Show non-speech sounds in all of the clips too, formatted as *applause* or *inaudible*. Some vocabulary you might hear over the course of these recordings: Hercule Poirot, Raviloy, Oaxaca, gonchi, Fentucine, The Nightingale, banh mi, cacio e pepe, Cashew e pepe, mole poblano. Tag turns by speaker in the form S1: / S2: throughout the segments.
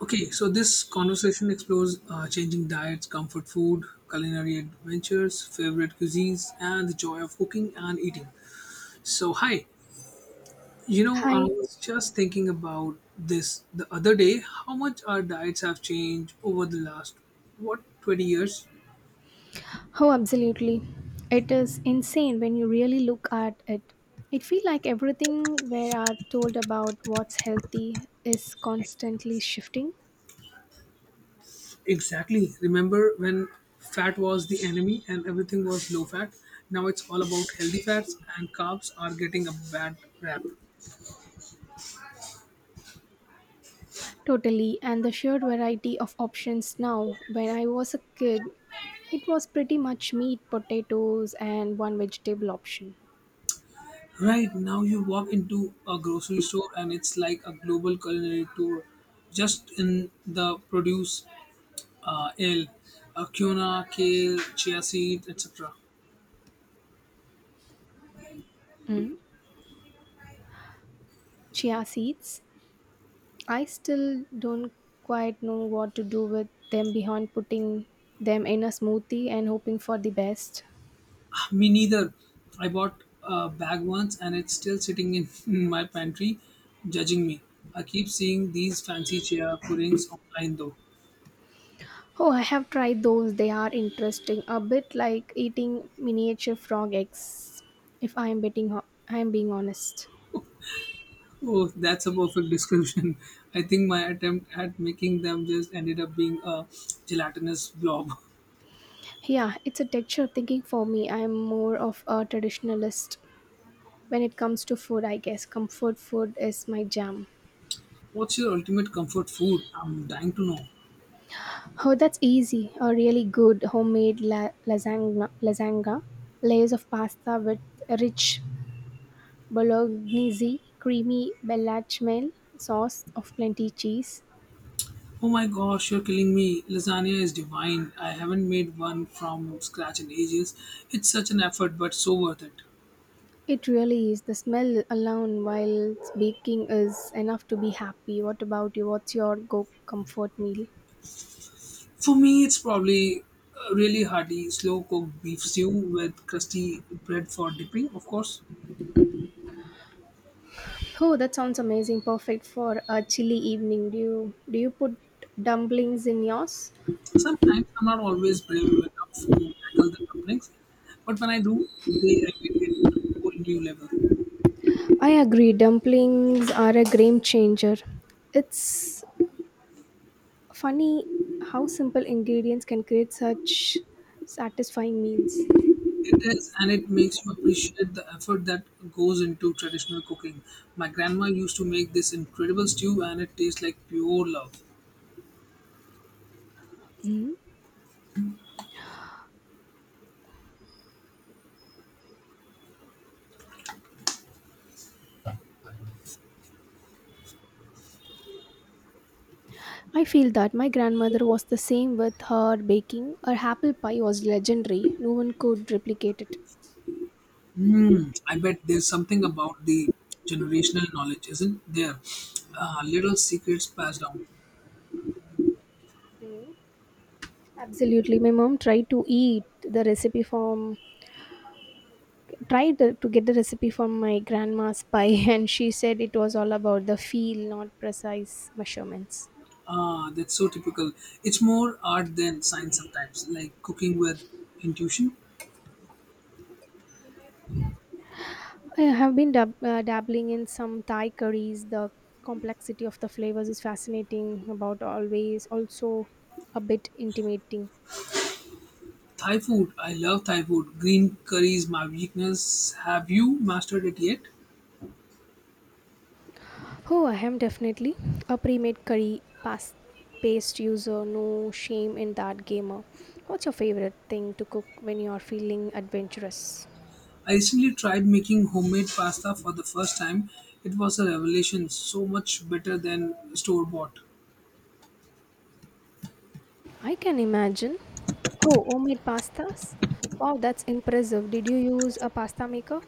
S1: Okay, so this conversation explores changing diets, comfort food, culinary adventures, favorite cuisines, and the joy of cooking and eating. So, hi, you know, I
S2: Hi.
S1: was just thinking about this the other day how much our diets have changed over the last, what, 20 years?
S2: Oh, absolutely. It is insane when you really look at it. It feels like everything we are told about what's healthy is constantly shifting.
S1: Exactly. Remember when fat was the enemy and everything was low fat? Now it's all about healthy fats, and carbs are getting a bad rap.
S2: Totally. And the sheer variety of options now. When I was a kid, it was pretty much meat, potatoes, and one vegetable option.
S1: Right now, you walk into a grocery store and it's like a global culinary tour. Just in the produce, ale, quinoa, kale, chia seed, etc.
S2: Chia seeds. I still don't quite know what to do with them beyond putting them in a smoothie and hoping for the best.
S1: Me neither. I bought a bag once and it's still sitting in *laughs* in my pantry, judging me. I keep seeing these fancy chia puddings online though.
S2: Oh, I have tried those. They are interesting. A bit like eating miniature frog eggs, if I am betting ho- I am being honest.
S1: Oh, that's a perfect description. *laughs* I think my attempt at making them just ended up being a gelatinous blob. *laughs*
S2: Yeah, it's a texture of thinking for me. I am more of a traditionalist when it comes to food, I guess. Comfort food is my jam.
S1: What's your ultimate comfort food? I'm dying to know.
S2: Oh, that's easy. A really good homemade lasagna, layers of pasta with rich bolognese, creamy bechamel sauce of plenty cheese.
S1: Oh my gosh, you're killing me. Lasagna is divine. I haven't made one from scratch in ages. It's such an effort, but so worth it.
S2: It really is. The smell alone while baking is enough to be happy. What about you? What's your go comfort meal?
S1: For me, it's probably a really hearty, slow cooked beef stew with crusty bread for dipping, of course.
S2: Oh, that sounds amazing. Perfect for a chilly evening. Do you put dumplings in yours?
S1: Sometimes I'm not always brave enough to tackle the dumplings, but when I do, they elevate it to a whole new level.
S2: I agree. Dumplings are a game changer. It's funny how simple ingredients can create such satisfying meals.
S1: It is, and it makes you appreciate the effort that goes into traditional cooking. My grandma used to make this incredible stew, and it tastes like pure love.
S2: I feel that my grandmother was the same with her baking. Her apple pie was legendary. No one could replicate it.
S1: Mm, I bet there's something about the generational knowledge, isn't there? Little secrets passed down.
S2: Absolutely. My mom tried to eat the recipe from tried to get the recipe from my grandma's pie *laughs* and she said it was all about the feel, not precise measurements.
S1: Ah, that's so typical. It's more art than science sometimes, like cooking with intuition.
S2: I have been dabbling in some Thai curries. The complexity of the flavors is fascinating about always also a bit intimidating.
S1: Thai food, I love Thai food. Green curry is my weakness. Have you mastered it yet?
S2: Oh, I am definitely a paste user. No shame in that gamer. What's your favorite thing to cook when you are feeling adventurous?
S1: I recently tried making homemade pasta for the first time. It was a revelation, so much better than store bought.
S2: I can imagine. Oh, homemade pastas? Wow, that's impressive. Did you use a pasta maker?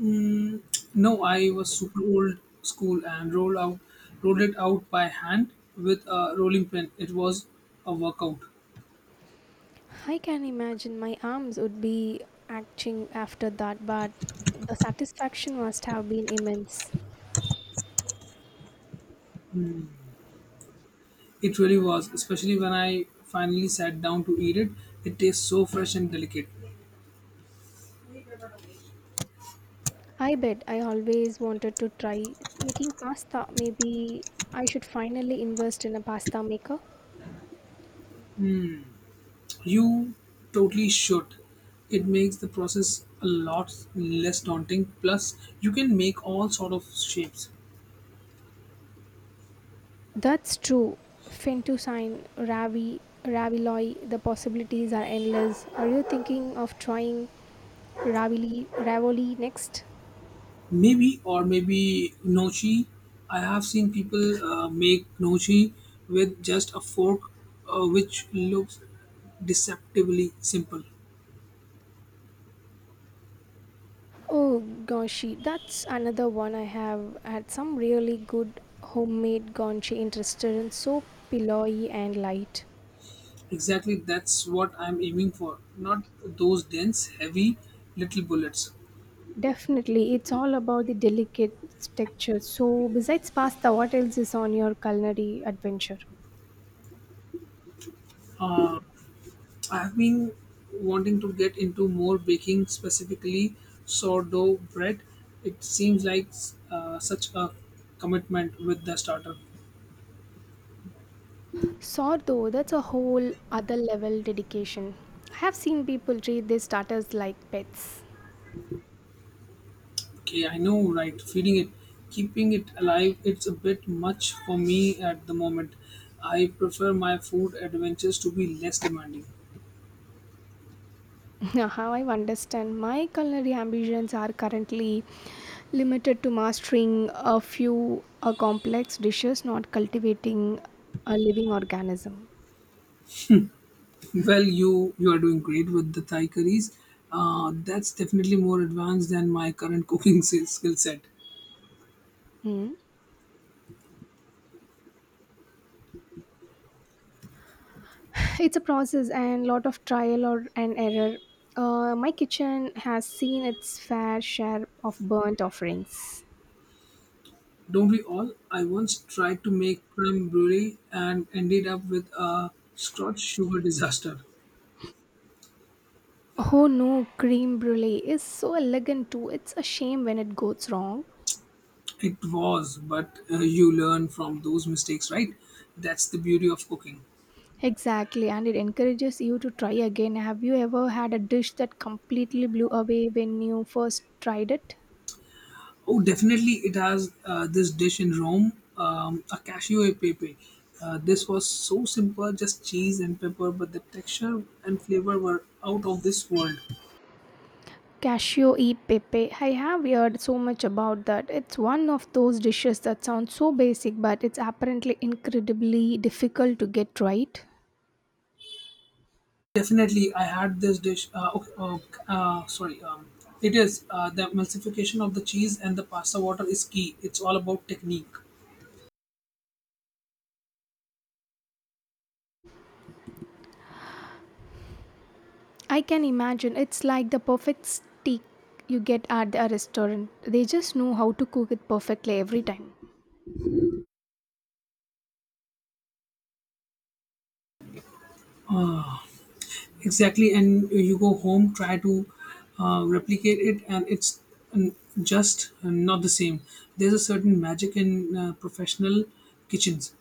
S1: Mm, no, I was super old school and rolled it out by hand with a rolling pin. It was a workout.
S2: I can imagine my arms would be aching after that, but the satisfaction must have been immense.
S1: It really was, especially when I finally sat down to eat it. It tastes so fresh and delicate.
S2: I bet I always wanted to try making pasta. Maybe I should finally invest in a pasta maker.
S1: You totally should. It makes the process a lot less daunting. Plus, you can make all sort of shapes.
S2: That's true. Fentucine, Ravi, Raviloy, the possibilities are endless. Are you thinking of trying Ravili, Ravoli next.
S1: Maybe or maybe nochi. I have seen people make nochi with just a fork, which looks deceptively simple.
S2: Oh goshi, that's another one. I have had some really good homemade gonchi in restaurants, so pillowy and light.
S1: Exactly, that's what I'm aiming for. Not those dense, heavy little bullets.
S2: Definitely, it's all about the delicate texture. So, besides pasta, what else is on your culinary adventure?
S1: I've been wanting to get into more baking, specifically sourdough bread. It seems like such a commitment with the starter.
S2: Sourdough, that's a whole other level dedication. I have seen people treat their starters like pets.
S1: Okay, I know, right? Feeding it, keeping it alive, it's a bit much for me at the moment. I prefer my food adventures to be less demanding. *laughs*
S2: *laughs* How I understand my culinary ambitions are currently limited to mastering a few complex dishes, not cultivating a living organism.
S1: Well, you are doing great with the Thai curries. That's definitely more advanced than my current cooking *laughs* skill set.
S2: Mm. It's a process and lot of trial or and error. My kitchen has seen its fair share of burnt offerings.
S1: Don't we all? I once tried to make creme brulee and ended up with a scotch sugar disaster.
S2: Oh no, cream brulee is so elegant too. It's a shame when it goes wrong.
S1: It was, but you learn from those mistakes, right? That's the beauty of cooking.
S2: Exactly, and it encourages you to try again. Have you ever had a dish that completely blew away when you first tried it?
S1: Oh, definitely, it has this dish in Rome, a cashew e pepe. This was so simple, just cheese and pepper, but the texture and flavor were out of this world.
S2: Cashew e pepe. I have heard so much about that. It's one of those dishes that sounds so basic, but it's apparently incredibly difficult to get right.
S1: Definitely, I had this dish. Okay, uh, sorry, um, it is the emulsification of the cheese and the pasta water is key. It's all about technique.
S2: I can imagine it's like the perfect steak you get at a restaurant. They just know how to cook it perfectly every time.
S1: Exactly, and you go home try to replicate it and it's, mm, just not the same. There's a certain magic in professional kitchens.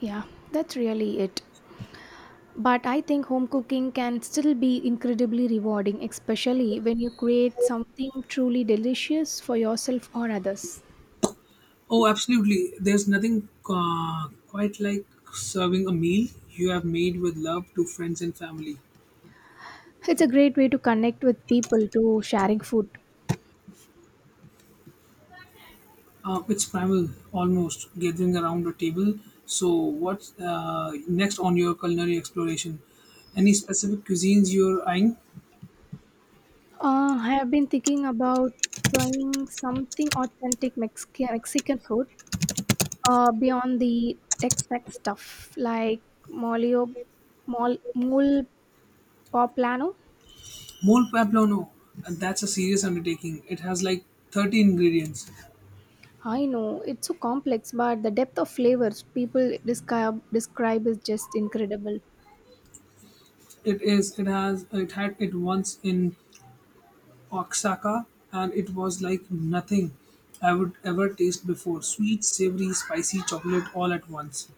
S2: Yeah, that's really it. But I think home cooking can still be incredibly rewarding, especially when you create something truly delicious for yourself or others.
S1: Oh, absolutely, there's nothing quite like serving a meal you have made with love to friends and family.
S2: It's a great way to connect with people to sharing food.
S1: It's primal, almost, gathering around a table. So what's next on your culinary exploration? Any specific cuisines you're eyeing?
S2: I have been thinking about trying something Mexican food beyond the Tex-Mex stuff like molio, mole poblano.
S1: Mole poblano. And that's a serious undertaking. It has like 30 ingredients.
S2: I know it's so complex, but the depth of flavors people describe is just incredible.
S1: It is, it has, it had it once in Oaxaca, and it was like nothing I would ever taste before. Sweet, savory, spicy chocolate all at once.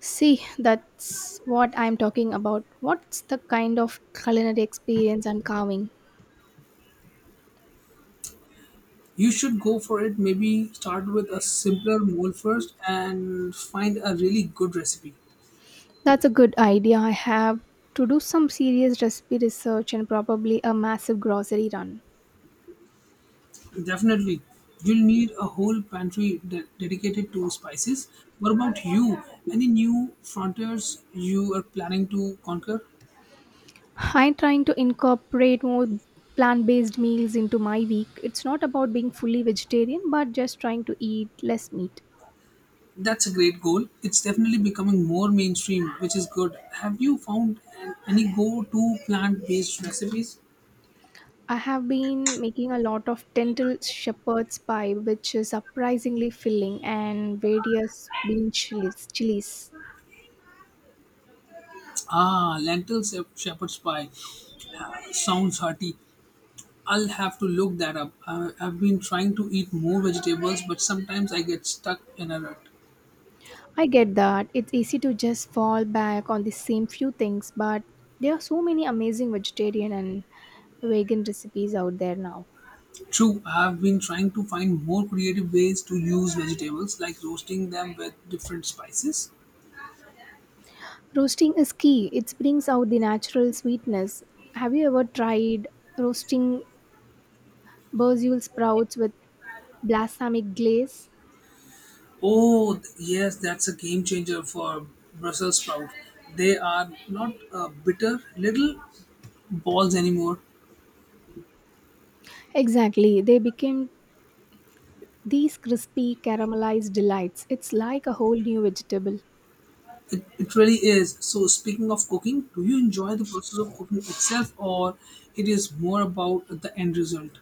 S2: See, that's what I'm talking about. What's the kind of culinary experience I'm carving?
S1: You should go for it. Maybe start with a simpler mole first and find a really good recipe.
S2: That's a good idea. I have to do some serious recipe research and probably a massive grocery run.
S1: Definitely, you'll need a whole pantry dedicated to spices. What about you? Any new frontiers you are planning to conquer?
S2: I'm trying to incorporate more plant-based meals into my week. It's not about being fully vegetarian, but just trying to eat less meat.
S1: That's a great goal. It's definitely becoming more mainstream, which is good. Have you found any go to plant based recipes?
S2: I have been making a lot of lentil shepherd's pie, which is surprisingly filling, and various bean chilies.
S1: Ah, lentil shepherd's pie. Sounds hearty. I'll have to look that up. I've been trying to eat more vegetables, but sometimes I get stuck in a rut.
S2: I get that it's easy to just fall back on the same few things, but there are so many amazing vegetarian and vegan recipes out there now.
S1: True, I've been trying to find more creative ways to use vegetables, like roasting them with different spices.
S2: Roasting is key, it brings out the natural sweetness. Have you ever tried roasting basil sprouts with balsamic glaze?
S1: Oh, yes, that's a game changer for Brussels sprout. They are not bitter little balls anymore.
S2: Exactly. They became these crispy caramelized delights, it's like a whole new vegetable.
S1: It really is. So, speaking of cooking, do you enjoy the process of cooking itself, or it is more about the end result?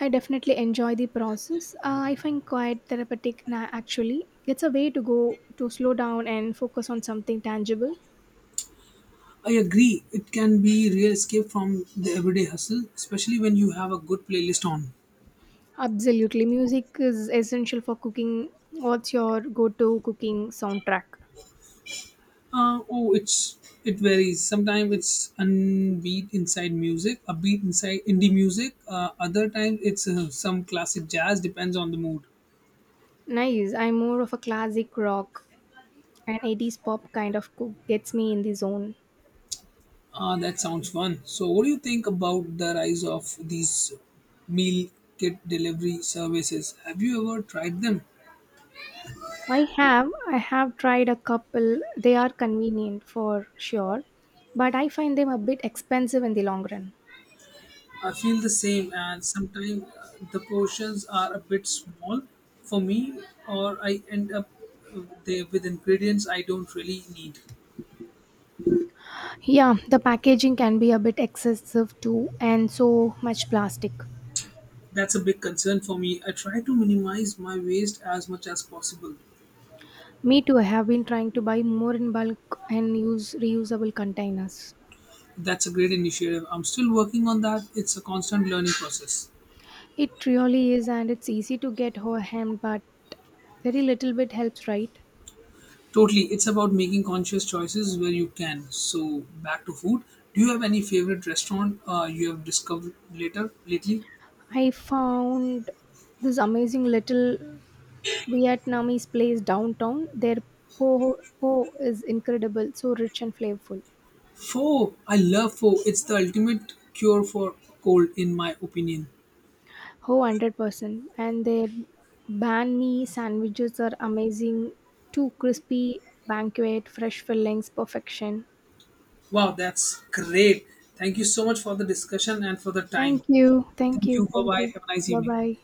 S2: I definitely enjoy the process. I find quite therapeutic actually. It's a way to go to slow down and focus on something tangible.
S1: I agree. It can be real escape from the everyday hustle, especially when you have a good playlist on.
S2: Absolutely. Music is essential for cooking. What's your go to cooking soundtrack?
S1: Uh, oh, it's it varies. Sometimes it's unbeat inside music, a beat inside indie music. Other times it's some classic jazz. Depends on the mood.
S2: Nice. I'm more of a classic rock and 80s pop kind of cook. Gets me in the zone.
S1: That sounds fun. So, what do you think about the rise of these meal kit delivery services? Have you ever tried them?
S2: I have. I have tried a couple. They are convenient for sure, but I find them a bit expensive in the long run.
S1: I feel the same, and sometimes the portions are a bit small for me, or I end up there with ingredients I don't really need.
S2: Yeah, the packaging can be a bit excessive too, and so much plastic.
S1: That's a big concern for me. I try to minimize my waste as much as possible.
S2: Me too, I have been trying to buy more in bulk and use reusable containers.
S1: That's a great initiative. I'm still working on that. It's a constant learning process.
S2: It really is, and it's easy to get overwhelmed, but very little bit helps, right?
S1: Totally. It's about making conscious choices where you can. So, back to food. Do you have any favorite restaurant you have discovered later lately?
S2: I found this amazing little Vietnamese place downtown. Their po po is incredible, so rich and flavorful.
S1: Pho. I love pho. It's the ultimate cure for cold in my opinion.
S2: Oh, 100%. And their banh mi sandwiches are amazing. Too crispy, banquet, fresh fillings, perfection.
S1: Wow, that's great. Thank you so much for the discussion and for the time.
S2: Thank you. Thank
S1: Thank you.
S2: you. Thank
S1: Bye-bye.
S2: you.
S1: Have a nice
S2: Bye
S1: evening.
S2: bye.